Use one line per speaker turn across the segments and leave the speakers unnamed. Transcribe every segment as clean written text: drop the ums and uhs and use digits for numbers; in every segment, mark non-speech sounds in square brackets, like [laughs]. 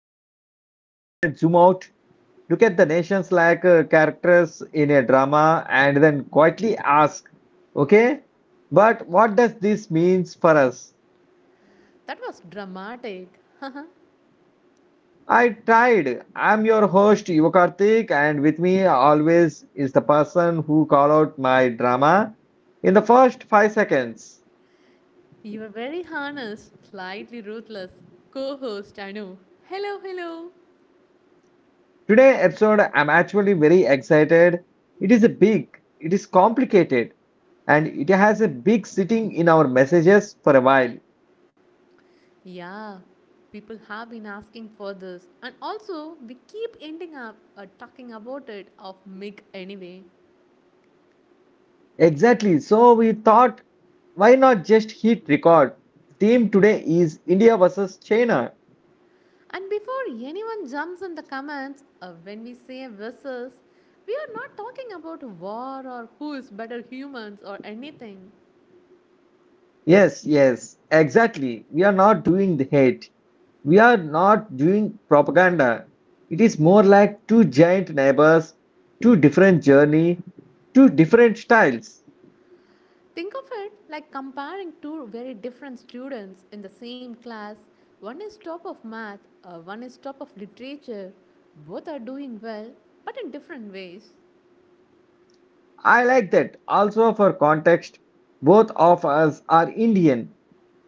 the podcast where we zoom out, look at the nations like characters in a drama, and then quietly ask, okay, but what does this means for us?
That was dramatic.
I tried. I'm your host Yuvakarthik, and with me always is the person who call out my drama in the first 5 seconds.
You were very honest, slightly ruthless. Co host, I know. Hello, hello.
Today episode, I'm actually very excited. It is a big, it is complicated, and it has a big sitting in our messages for a while.
Yeah, people have been asking for this. And also, we keep ending up talking about it of Mick anyway.
Exactly. So we thought, why not just hit record? The Theme today is India versus China.
And before anyone jumps in the comments, when we say versus, we are not talking about war or who is better humans or anything.
Yes, yes, exactly. We are not doing the hate. We are not doing propaganda. It is more like two giant neighbors, two different journey, two different styles.
Think of it like comparing two very different students in the same class. One is top of math, one is top of literature. Both are doing well, but in different ways.
I like that. Also, for context, both of us are Indian.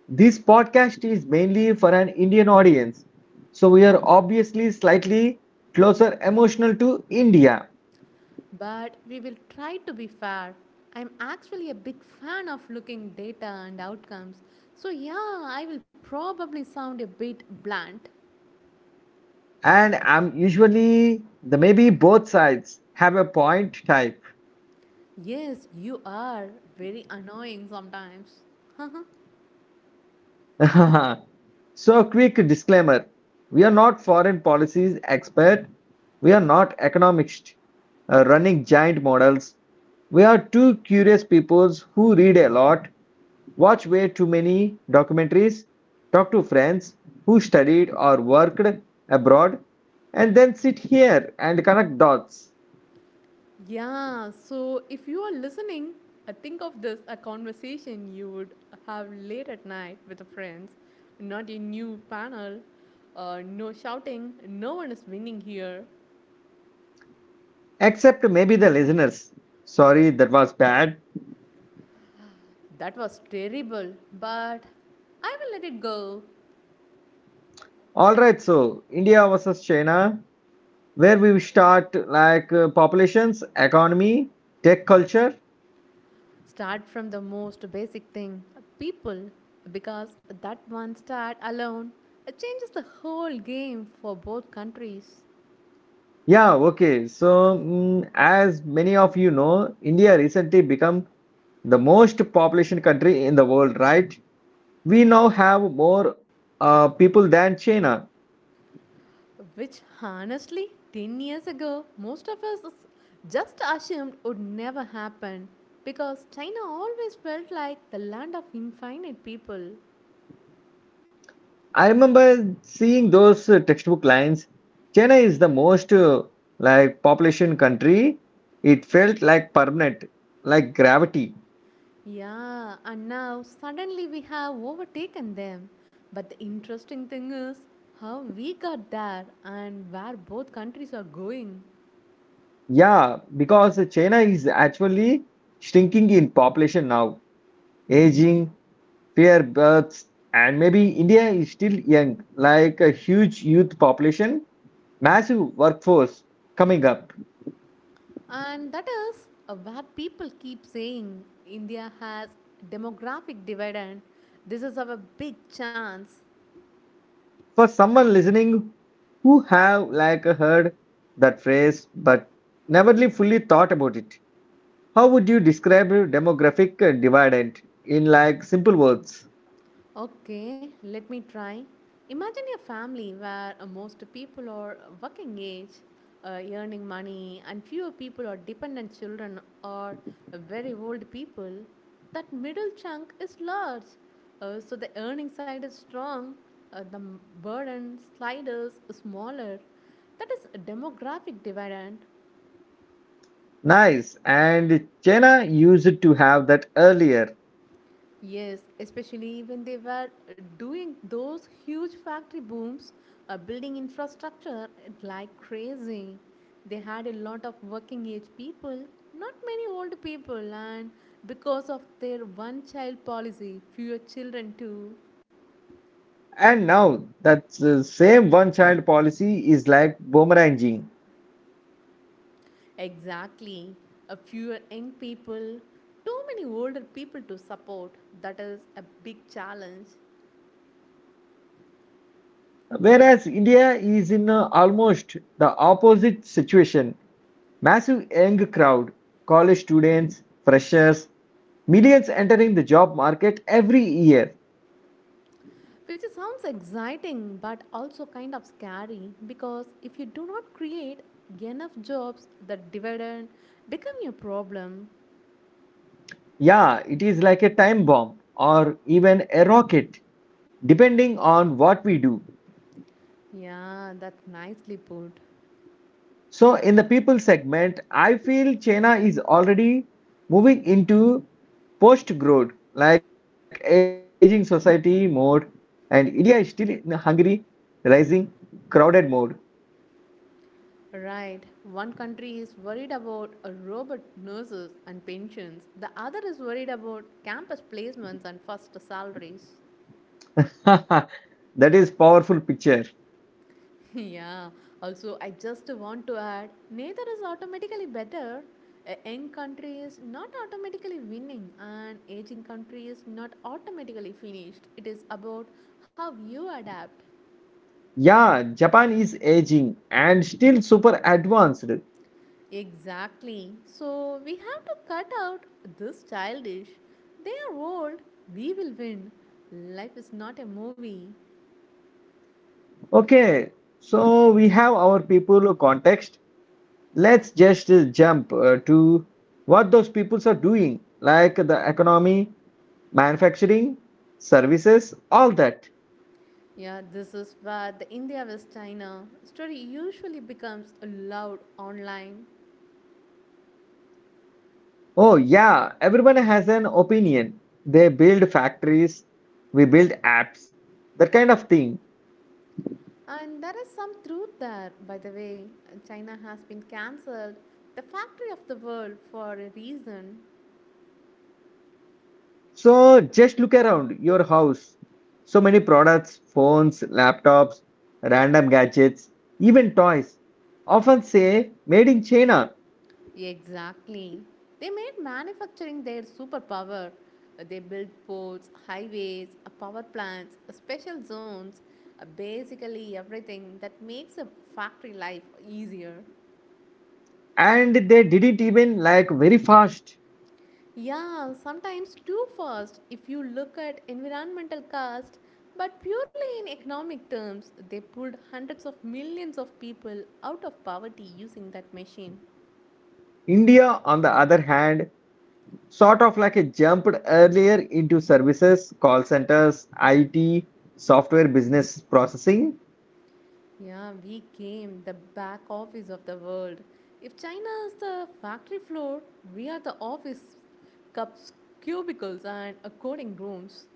This podcast is mainly for an Indian audience, so we are obviously slightly closer emotional to India.
But we will try to be fair. I'm actually a big fan of looking data and outcomes. So yeah, I will probably sound a bit blunt.
And I'm usually the maybe both sides have a point type.
Yes, you are very annoying sometimes. [laughs]
[laughs] So, quick disclaimer. We are not foreign policies expert. We are not economists running giant models. We are two curious peoples who read a lot, watch way too many documentaries, talk to friends who studied or worked abroad, and then sit here and connect dots.
Yeah, so if you are listening, think of this a conversation you would have late at night with the friends, not a new panel, no shouting, no one is winning here.
Except maybe the listeners. Sorry, that was bad.
That was terrible, but I will let it go.
All right, so India versus China. Where we start like populations, economy, tech culture.
Start from the most basic thing people, because that one start alone it changes the whole game for both countries.
Yeah, okay. So, mm, as many of you know, India recently become the most population country in the world, right? We now have more people than China.
Which, honestly, 10 years ago, most of us just assumed would never happen because China always felt like the land of infinite people.
I remember seeing those textbook lines. China is the most like population country. It felt like permanent, like gravity.
Yeah, and now suddenly we have overtaken them. But the interesting thing is how we got there and where both countries are going.
Yeah, because China is actually shrinking in population now. Aging, fewer births, and maybe India is still young, like a huge youth population, massive workforce coming up.
And that is where people keep saying India has demographic dividend. This is our big chance.
For someone listening who have like heard that phrase but never really fully thought about it, how would you describe demographic dividend in like simple words?
Okay, let me try. Imagine a family where most people are working age, earning money, and fewer people are dependent children or very old people. That middle chunk is large, so the earning side is strong, the burden sliders is smaller. That is a demographic dividend.
Nice, and China used to have that earlier.
Yes, especially when they were doing those huge factory booms, building infrastructure like crazy. They had a lot of working age people, not many old people, and because of their one child policy, fewer children too.
And now that same one child policy is like boomeranging.
Exactly, a fewer young people, too many older people to support. That is a big challenge.
Whereas India is in almost the opposite situation. Massive young crowd, college students, freshers, millions entering the job market every year.
Which sounds exciting but also kind of scary because if you do not create enough jobs, the dividend become your problem.
Yeah, it is like a time bomb or even a rocket, depending on what we do.
Yeah, that's nicely put.
So, in the people segment, I feel China is already moving into post growth, like aging society mode, and India is still in a hungry, rising, crowded mode.
Right, one country is worried about robot nurses and pensions, the other is worried about campus placements and first salaries.
[laughs] That is powerful picture.
[laughs] Yeah, also I just want to add, neither is automatically better. A young country is not automatically winning and aging country is not automatically finished. It is about how you adapt.
Yeah, Japan is aging and still super advanced.
Exactly, so we have to cut out this childish they are old, we will win. Life is not a movie.
Okay, so we have our people context. Let's just jump to what those peoples are doing, like the economy, manufacturing, services, all that.
Yeah, this is where the India vs China story usually becomes loud online.
Oh, yeah, everyone has an opinion. They build factories, we build apps, that kind of thing.
And there is some truth there, by the way. China has been cancelled the factory of the world for a reason.
So just look around your house. So many products, phones, laptops, random gadgets, even toys often say made in China.
Exactly. They made manufacturing their superpower. They built ports, highways, power plants, special zones, basically everything that makes a factory life easier.
And they did it even like very fast.
Yeah, sometimes too fast if you look at environmental cost, but purely in economic terms, they pulled hundreds of millions of people out of poverty using that machine.
India, on the other hand, sort of like a jumped earlier into services, call centers, IT, software business processing,
Yeah, we came the back office of the world. If China is the factory floor, we are the office cups, cubicles, and coding rooms.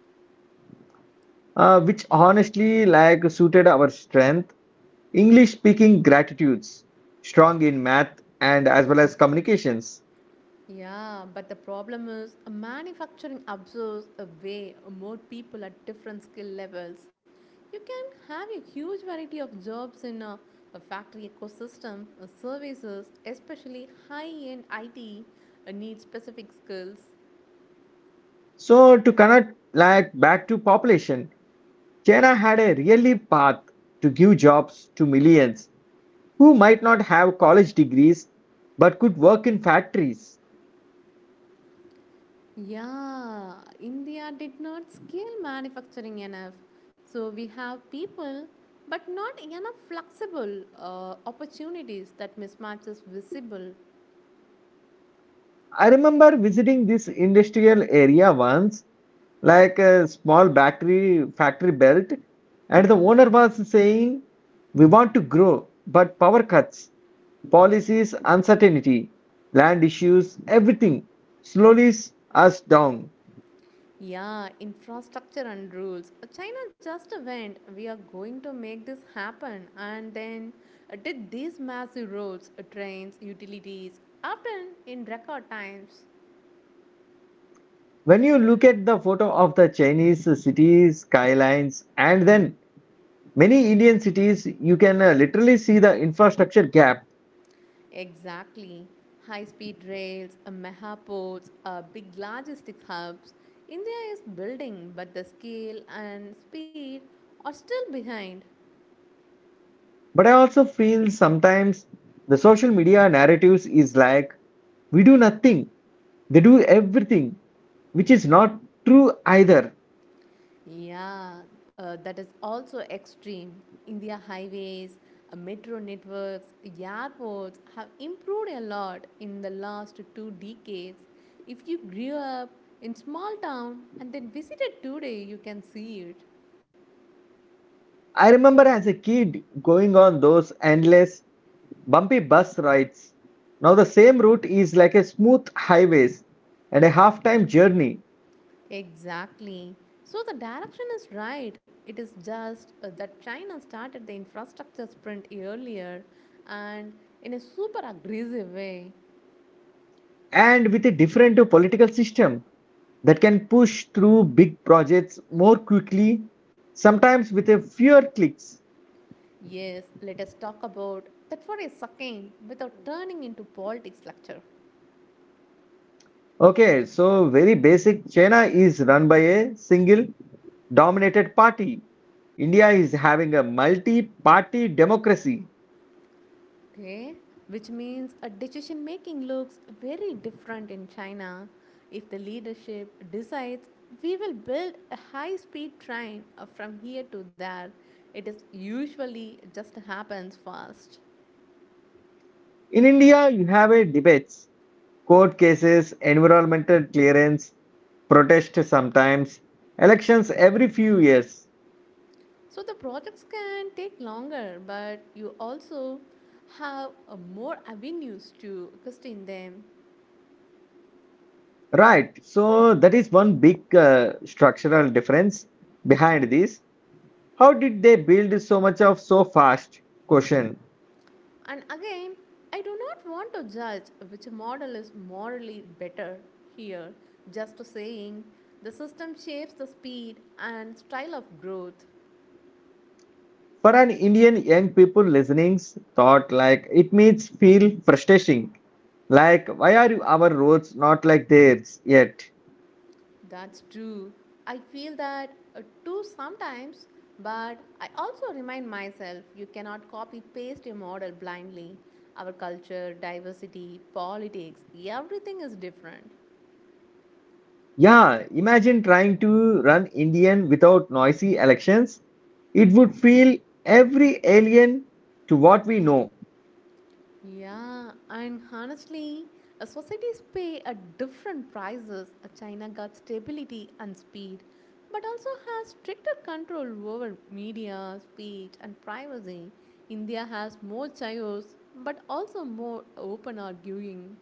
which honestly like suited our strength. English speaking gratitudes, strong in math and as well as communications.
Yeah, but the problem is manufacturing absorbs away more people at different skill levels. You can have a huge variety of jobs in a factory ecosystem. Services, especially high-end IT, need specific skills.
So to connect like back to population, China had a really path to give jobs to millions who might not have college degrees but could work in factories.
Yeah, India did not scale manufacturing enough, so we have people, but not enough flexible opportunities that mismatch is visible.
I remember visiting this industrial area once, like a small factory belt, and the owner was saying, "We want to grow, but power cuts, policies, uncertainty, land issues, everything slowly us down."
Yeah, infrastructure and rules. China just went, we are going to make this happen, and then did these massive roads, trains, utilities, often in record times.
When you look at the photo of the Chinese cities skylines and then many Indian cities, you can literally see the infrastructure gap.
Exactly. High speed rails, mega ports, big logistics hubs. India is building, but the scale and speed are still behind.
But I also feel sometimes the social media narratives is like we do nothing, they do everything, which is not true either.
Yeah, that is also extreme. India highways, metro networks, airports have improved a lot in the last two decades. If you grew up in small town and then visited today, you can see it.
I remember as a kid going on those endless bumpy bus rides. Now the same route is like a smooth highways and a half-time journey,
Exactly. So the direction is right. It is just that China started the infrastructure sprint earlier and in a super aggressive way.
and with a different political system that can push through big projects more quickly, sometimes with a fewer clicks.
Yes, let us talk about that for a second without turning into politics lecture.
Okay, so very basic. China is run by a single dominated party. India is having a multi party democracy.
Okay, which means a decision making looks very different in China if the leadership decides we will build a high speed train from here to there. It is usually just happens fast.
In India, you have a debates, court cases, environmental clearance, protest sometimes, elections every few years.
So the projects can take longer, but you also have more avenues to question them.
Right, so that is one big structural difference behind this. How did they build so much of so fast? Question.
And again, I do not want to judge which model is morally better here, just saying the system shapes the speed and style of growth.
For an Indian young people listening's thought like it means feel frustrating. Like why are our roads not like theirs yet?
That's true. I feel that too sometimes, but I also remind myself you cannot copy paste a model blindly. Our culture, diversity, politics, everything is different.
Yeah, imagine trying to run Indian without noisy elections. It would feel every alien to what we know.
Yeah, and honestly, societies pay at different prices. China got stability and speed, but also has stricter control over media, speech, and privacy. India has more chaos, but also more open arguing.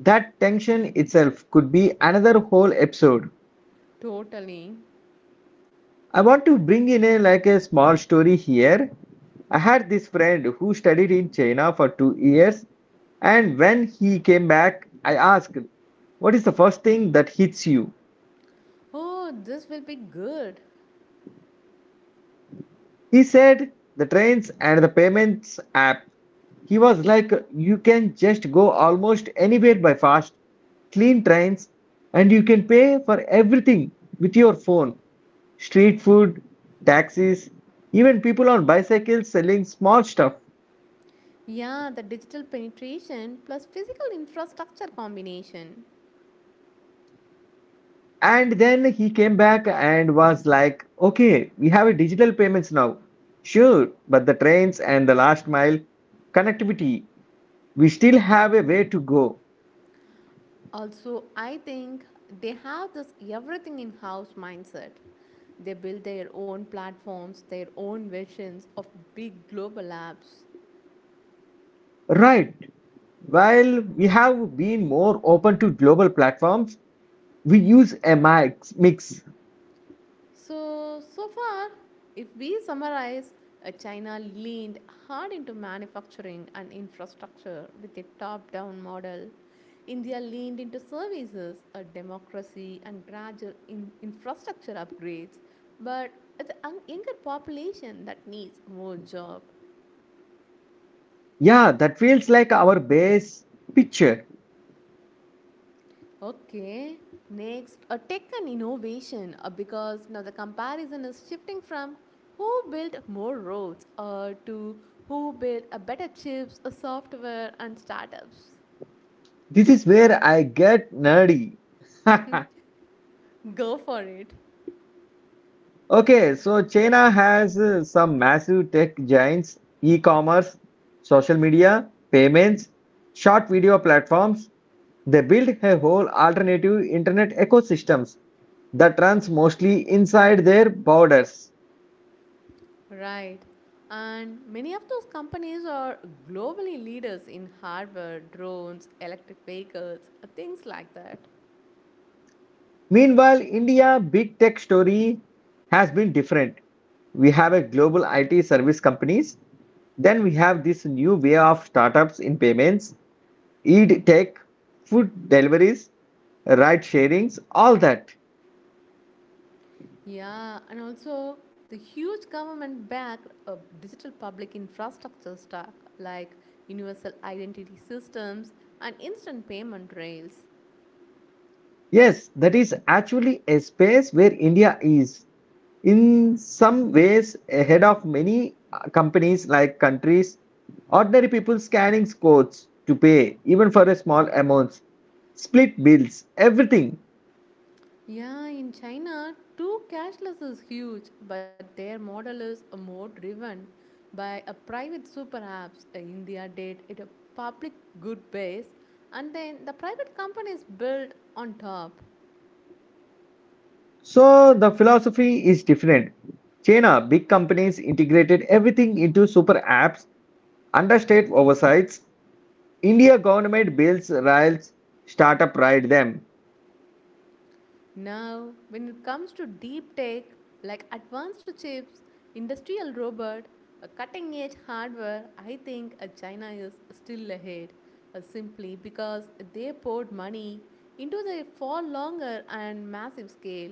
That tension itself could be another whole episode.
Totally.
I want to bring in a like a small story here. I had this friend who studied in China for 2 years, and when he came back, I asked, "What is the first thing that hits you?"
Oh, this will be good.
He said, "The trains and the payments app." He was like, "You can just go almost anywhere by fast, clean trains, and you can pay for everything with your phone, street food, taxis, even people on bicycles selling small stuff."
Yeah, the digital penetration plus physical infrastructure combination.
And then he came back and was like, okay, we have a digital payments now. Sure, but the trains and the last mile connectivity, we still have a way to go.
Also, I think they have this everything in house mindset. They build their own platforms, their own versions of big global apps.
Right. While we have been more open to global platforms, we use a mix.
So, so far, if we summarize, China leaned hard into manufacturing and infrastructure with a top down model. India leaned into services, a democracy, and gradual infrastructure upgrades, but it's a younger population that needs more jobs.
Yeah, that feels like our base picture.
Okay, next, a tech and innovation because now the comparison is shifting from who built more roads to who built a better chips, a software, and startups.
This is where I get nerdy. [laughs]
Go for it.
Okay, so China has some massive tech giants, e-commerce, social media, payments, short video platforms. They build a whole alternative internet ecosystems that runs mostly inside their borders.
Right. And many of those companies are globally leaders in hardware, drones, electric vehicles, things like that.
Meanwhile, India big tech story has been different. We have a global IT service companies, then we have this new way of startups in payments e-tech, food deliveries, ride sharings, all that.
Yeah, and also the huge government backed digital public infrastructure stack like universal identity systems and instant payment rails.
Yes, that is actually a space where India is in some ways ahead of many companies like countries. Ordinary people scanning codes to pay, even for a small amounts, split bills, everything.
Yeah, in China, too, cashless is huge, but their model is more driven by a private super apps. India did it a public good base, and then the private companies built on top.
So the philosophy is different. China, big companies integrated everything into super apps under state oversights. India government builds rails, startup ride them.
Now, when it comes to deep tech, like advanced chips, industrial robot, a cutting edge hardware, I think China is still ahead simply because they poured money into the far longer and massive scale.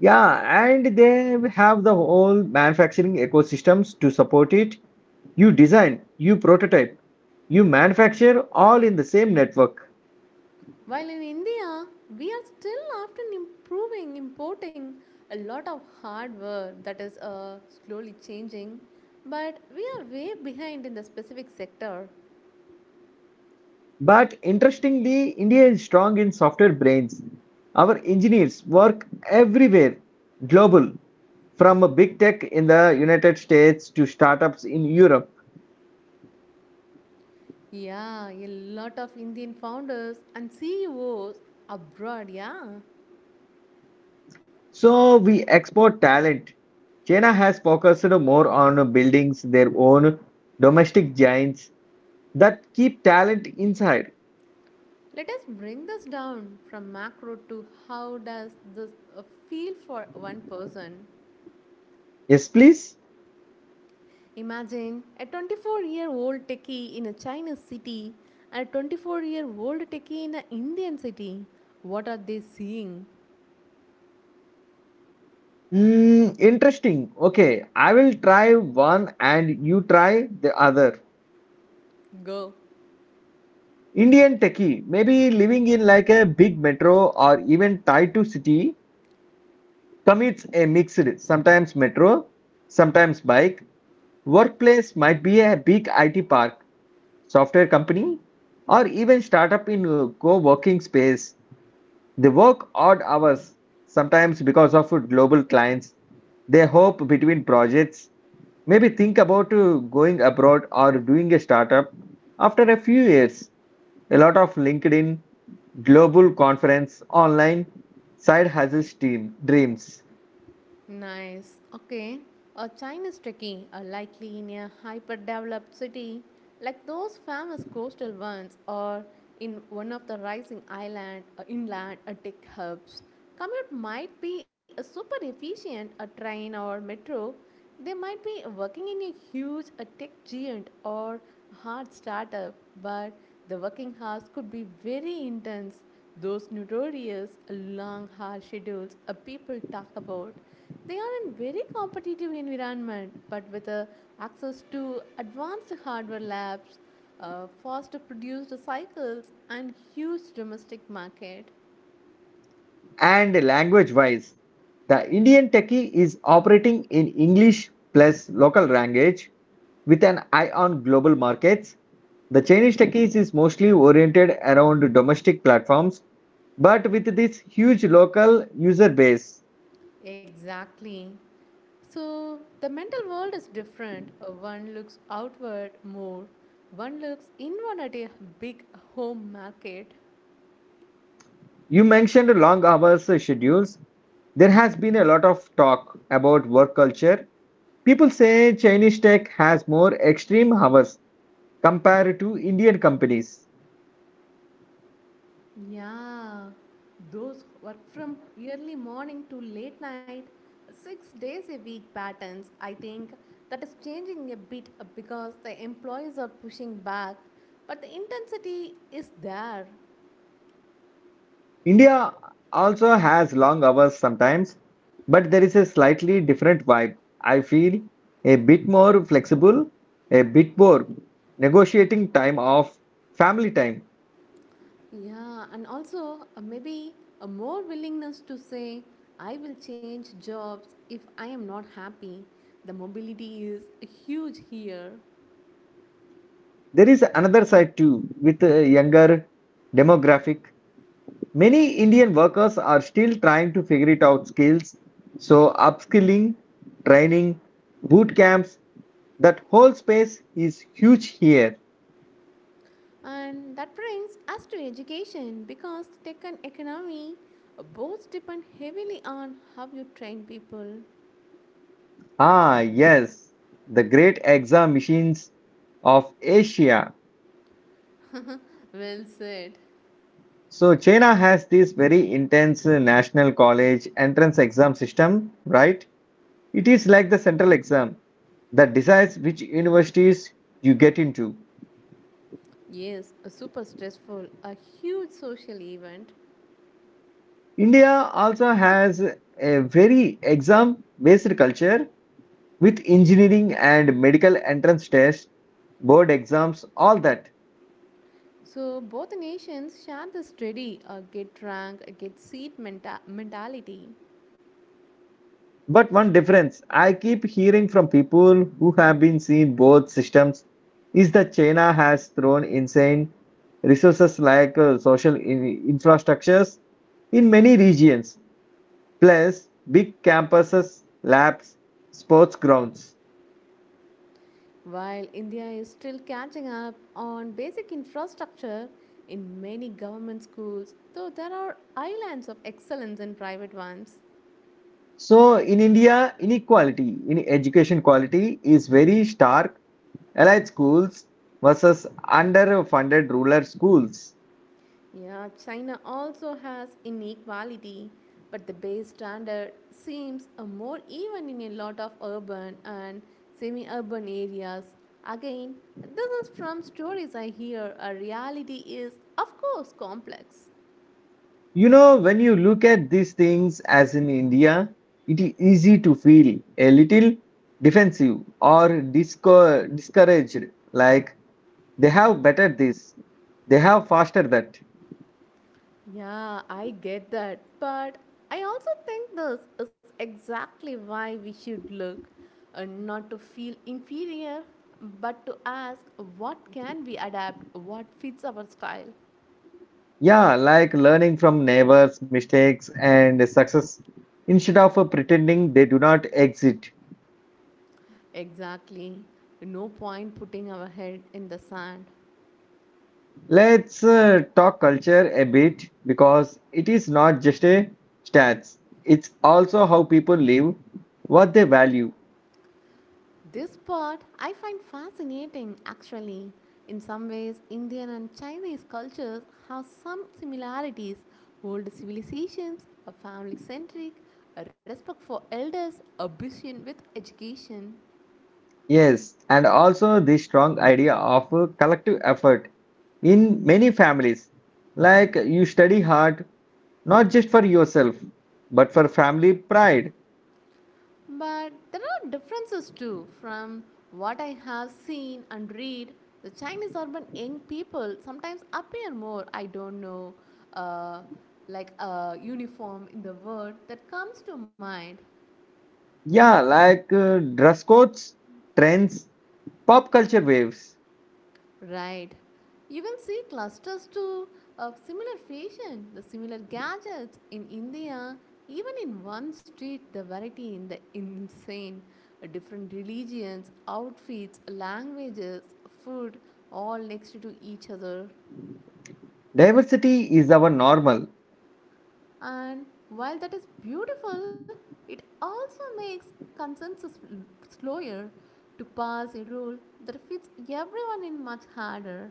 Yeah, and they have the whole manufacturing ecosystems to support it. You design, you prototype, you manufacture all in the same network.
While in India, we are still often improving, importing a lot of hardware that is slowly changing, but we are way behind in the specific sector.
But interestingly, India is strong in software brains. Our engineers work everywhere, global, from a big tech in the United States to startups in Europe.
Yeah, a lot of Indian founders and CEOs abroad, yeah.
So we export talent. China has focused more on building their own domestic giants that keep talent inside.
Let us bring this down from macro to how does this uh, feel for one person.
Yes, please.
Imagine a 24-year-old techie in a Chinese city and a 24-year-old techie in an Indian city. What are they seeing?
Hmm, interesting. Okay, I will try one and you try the other.
Go.
Indian techie, maybe living in like a big metro or even tied to city, commutes a mixed, sometimes metro, sometimes bike. Workplace might be a big IT park, software company, or even startup in co-working space. They work odd hours, sometimes because of global clients. They hop between projects. Maybe think about going abroad or doing a startup after a few years. A lot of LinkedIn, global conference, online, side hustles team, dreams.
Nice. Okay. A Chinese trekkie are likely in a hyper developed city like those famous coastal ones or in one of the rising island or inland or tech hubs. Commute might be a super efficient a train or metro. They might be working in a huge a tech giant or hard startup, but the working hours could be very intense. Those notorious long hard schedules people talk about they are in very competitive environment, but with access to advanced hardware labs, fast produced cycles, and huge domestic market.
And language wise, the Indian Techie is operating in English plus local language with an eye on global markets. The Chinese Techies is mostly oriented around domestic platforms, but with this huge local user base.
Exactly. So the mental world is different. One looks outward more. One looks inward at a big home market.
You mentioned long hours schedules. There has been a lot of talk about work culture. People say Chinese tech has more extreme hours compared to Indian companies.
Yeah, those work from early morning to late night, 6 days a week patterns, I think that is changing a bit because the employees are pushing back, but the intensity is there.
India also has long hours sometimes, but there is a slightly different vibe. I feel a bit more flexible, a bit more negotiating time off, family time.
Yeah, and also maybe a more willingness to say, I will change jobs if I am not happy. The mobility is huge here.
There is another side too with a younger demographic. Many Indian workers are still trying to figure it out skills, so upskilling, training, boot camps, that whole space is huge here.
And that brings us to education because tech and economy both depend heavily on how you train people.
Ah, yes, the great exam machines of Asia.
Well said.
So China has this very intense national college entrance exam system, right? It is like the central exam that decides which universities you get into.
Yes, a super stressful, a huge social event.
India also has a very exam-based culture with engineering and medical entrance tests, board exams, all that.
So both the nations share the steady get rank, get seat mentality.
But one difference I keep hearing from people who have been seen both systems is that China has thrown insane resources like social infrastructures in many regions, plus big campuses, labs, sports grounds.
While India is still catching up on basic infrastructure in many government schools, though there are islands of excellence in private ones.
So in India, inequality in education quality is very stark. Allied schools versus underfunded rural schools.
Yeah, China also has inequality, but the base standard seems more even in a lot of urban and semi urban areas. Again, this is from stories I hear. A reality is, of course, complex.
You know, when you look at these things as in India, it is easy to feel a little defensive or discouraged. Like they have better this, they have faster that.
Yeah, I get that, but I also think this is exactly why we should look and not to feel inferior, but to ask what can we adapt, what fits our style.
Yeah, like learning from neighbors' mistakes and success instead of pretending they do not exist.
Exactly. No point putting our head in the sand.
Let's talk culture a bit because it is not just a stats, it's also how people live, what they value.
This part I find fascinating actually. In some ways, Indian and Chinese cultures have some similarities. Old civilizations, a family centric, a respect for elders, a vision with education.
Yes, and also the strong idea of collective effort in many families. Like you study hard, not just for yourself, but for family pride.
But there are differences too. From what I have seen and read, the Chinese urban young people sometimes appear more, I don't know, uh, like a uniform in the world that comes to mind.
Yeah, like dress codes, trends, pop culture waves.
Right. You can see clusters too of similar fashion, the similar gadgets in India. Even in one street, the variety in the insane. Different religions, outfits, languages, food, all next to each other.
Diversity is our normal.
And while that is beautiful, it also makes consensus slower to pass a rule that fits everyone in much harder.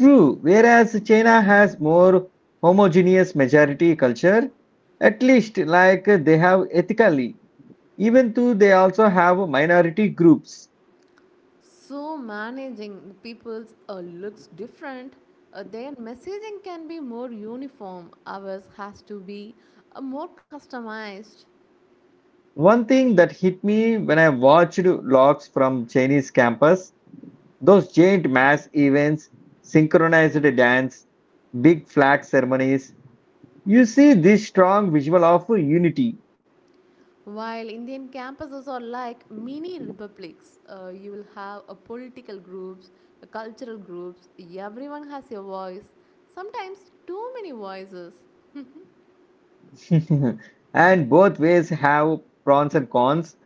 True, whereas China has more homogeneous majority culture, at least like they have ethically, even though they also have minority groups.
So, managing people's looks different. Their messaging can be more uniform. Ours has to be more customized.
One thing that hit me when I watched logs from Chinese campus, those giant mass events, synchronized dance, big flag ceremonies, you see this strong visual of unity.
While Indian campuses are like mini republics, you will have political groups, cultural groups, everyone has a voice, sometimes too many voices.
[laughs] And both ways have pros and cons.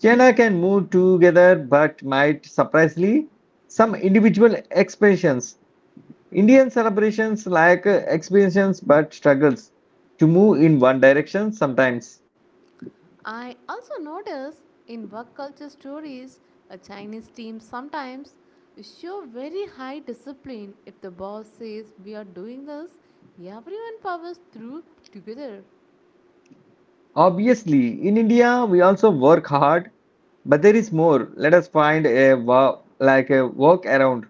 China can move together but might surprisingly some individual expressions. Indian celebrations like expressions but struggles to move in one direction sometimes.
I also notice in work culture stories, a Chinese team sometimes show very high discipline. If the boss says we are doing this, everyone powers through together.
Obviously, in India, we also work hard, but there is more. Let us find a like a work around,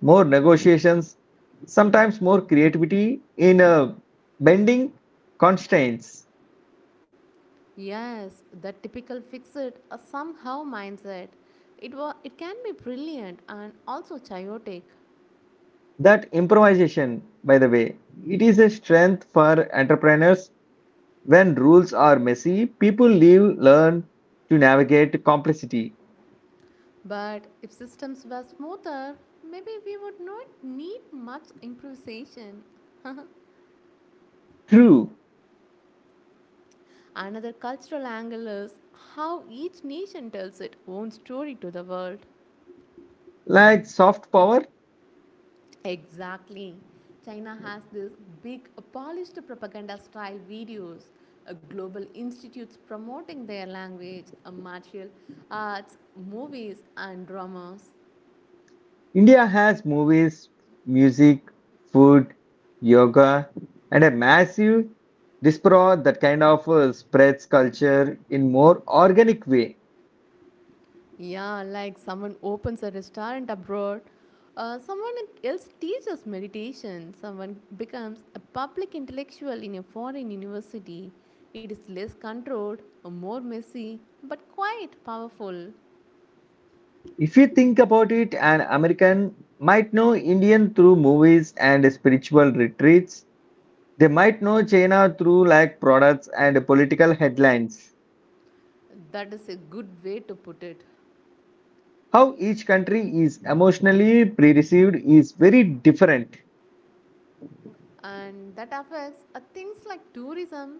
more negotiations, sometimes more creativity in bending constraints.
Yes, the typical fix it or somehow mindset. It, it can be brilliant and also chaotic.
That improvisation, by the way, it is a strength for entrepreneurs. When rules are messy, people live, learn to navigate complexity.
But if systems were smoother, maybe we would not need much improvisation.
True,
Another cultural angle is how each nation tells its own story to the world.
like soft power,
Exactly. China has this big polished propaganda style videos, global institutes promoting their language, martial arts, movies, and dramas.
India has movies, music, food, yoga, and a massive diaspora that kind of spreads culture in more organic way.
Yeah, like someone opens a restaurant abroad, someone else teaches meditation, someone becomes a public intellectual in a foreign university. It is less controlled, more messy, but quite powerful.
If you think about it, an American might know Indian through movies and spiritual retreats. They might know China through like products and political headlines.
That is a good way to put it.
How each country is emotionally pre-received is very different.
And that affects things like tourism,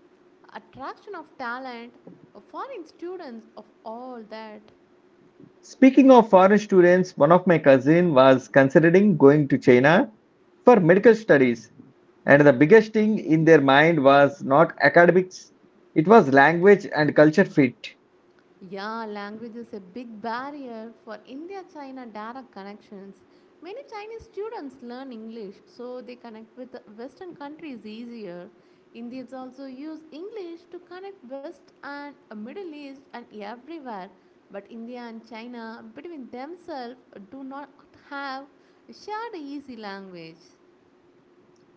attraction of talent, foreign students, of all that.
Speaking of foreign students, one of my cousin was considering going to China for medical studies, and the biggest thing in their mind was not academics, it was language and culture fit.
Yeah, language is a big barrier for India China direct connections. Many Chinese students learn English, so they connect with Western countries easier. Indians also use English to connect West and Middle East and everywhere. But India and China, between themselves, do not have shared easy language.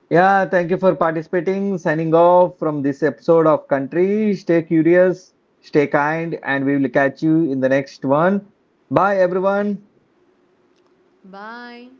Yeah, thank you for participating. Signing off from this episode of Country. Stay curious, stay kind, and we will catch you in the next one. Bye, everyone.
Bye.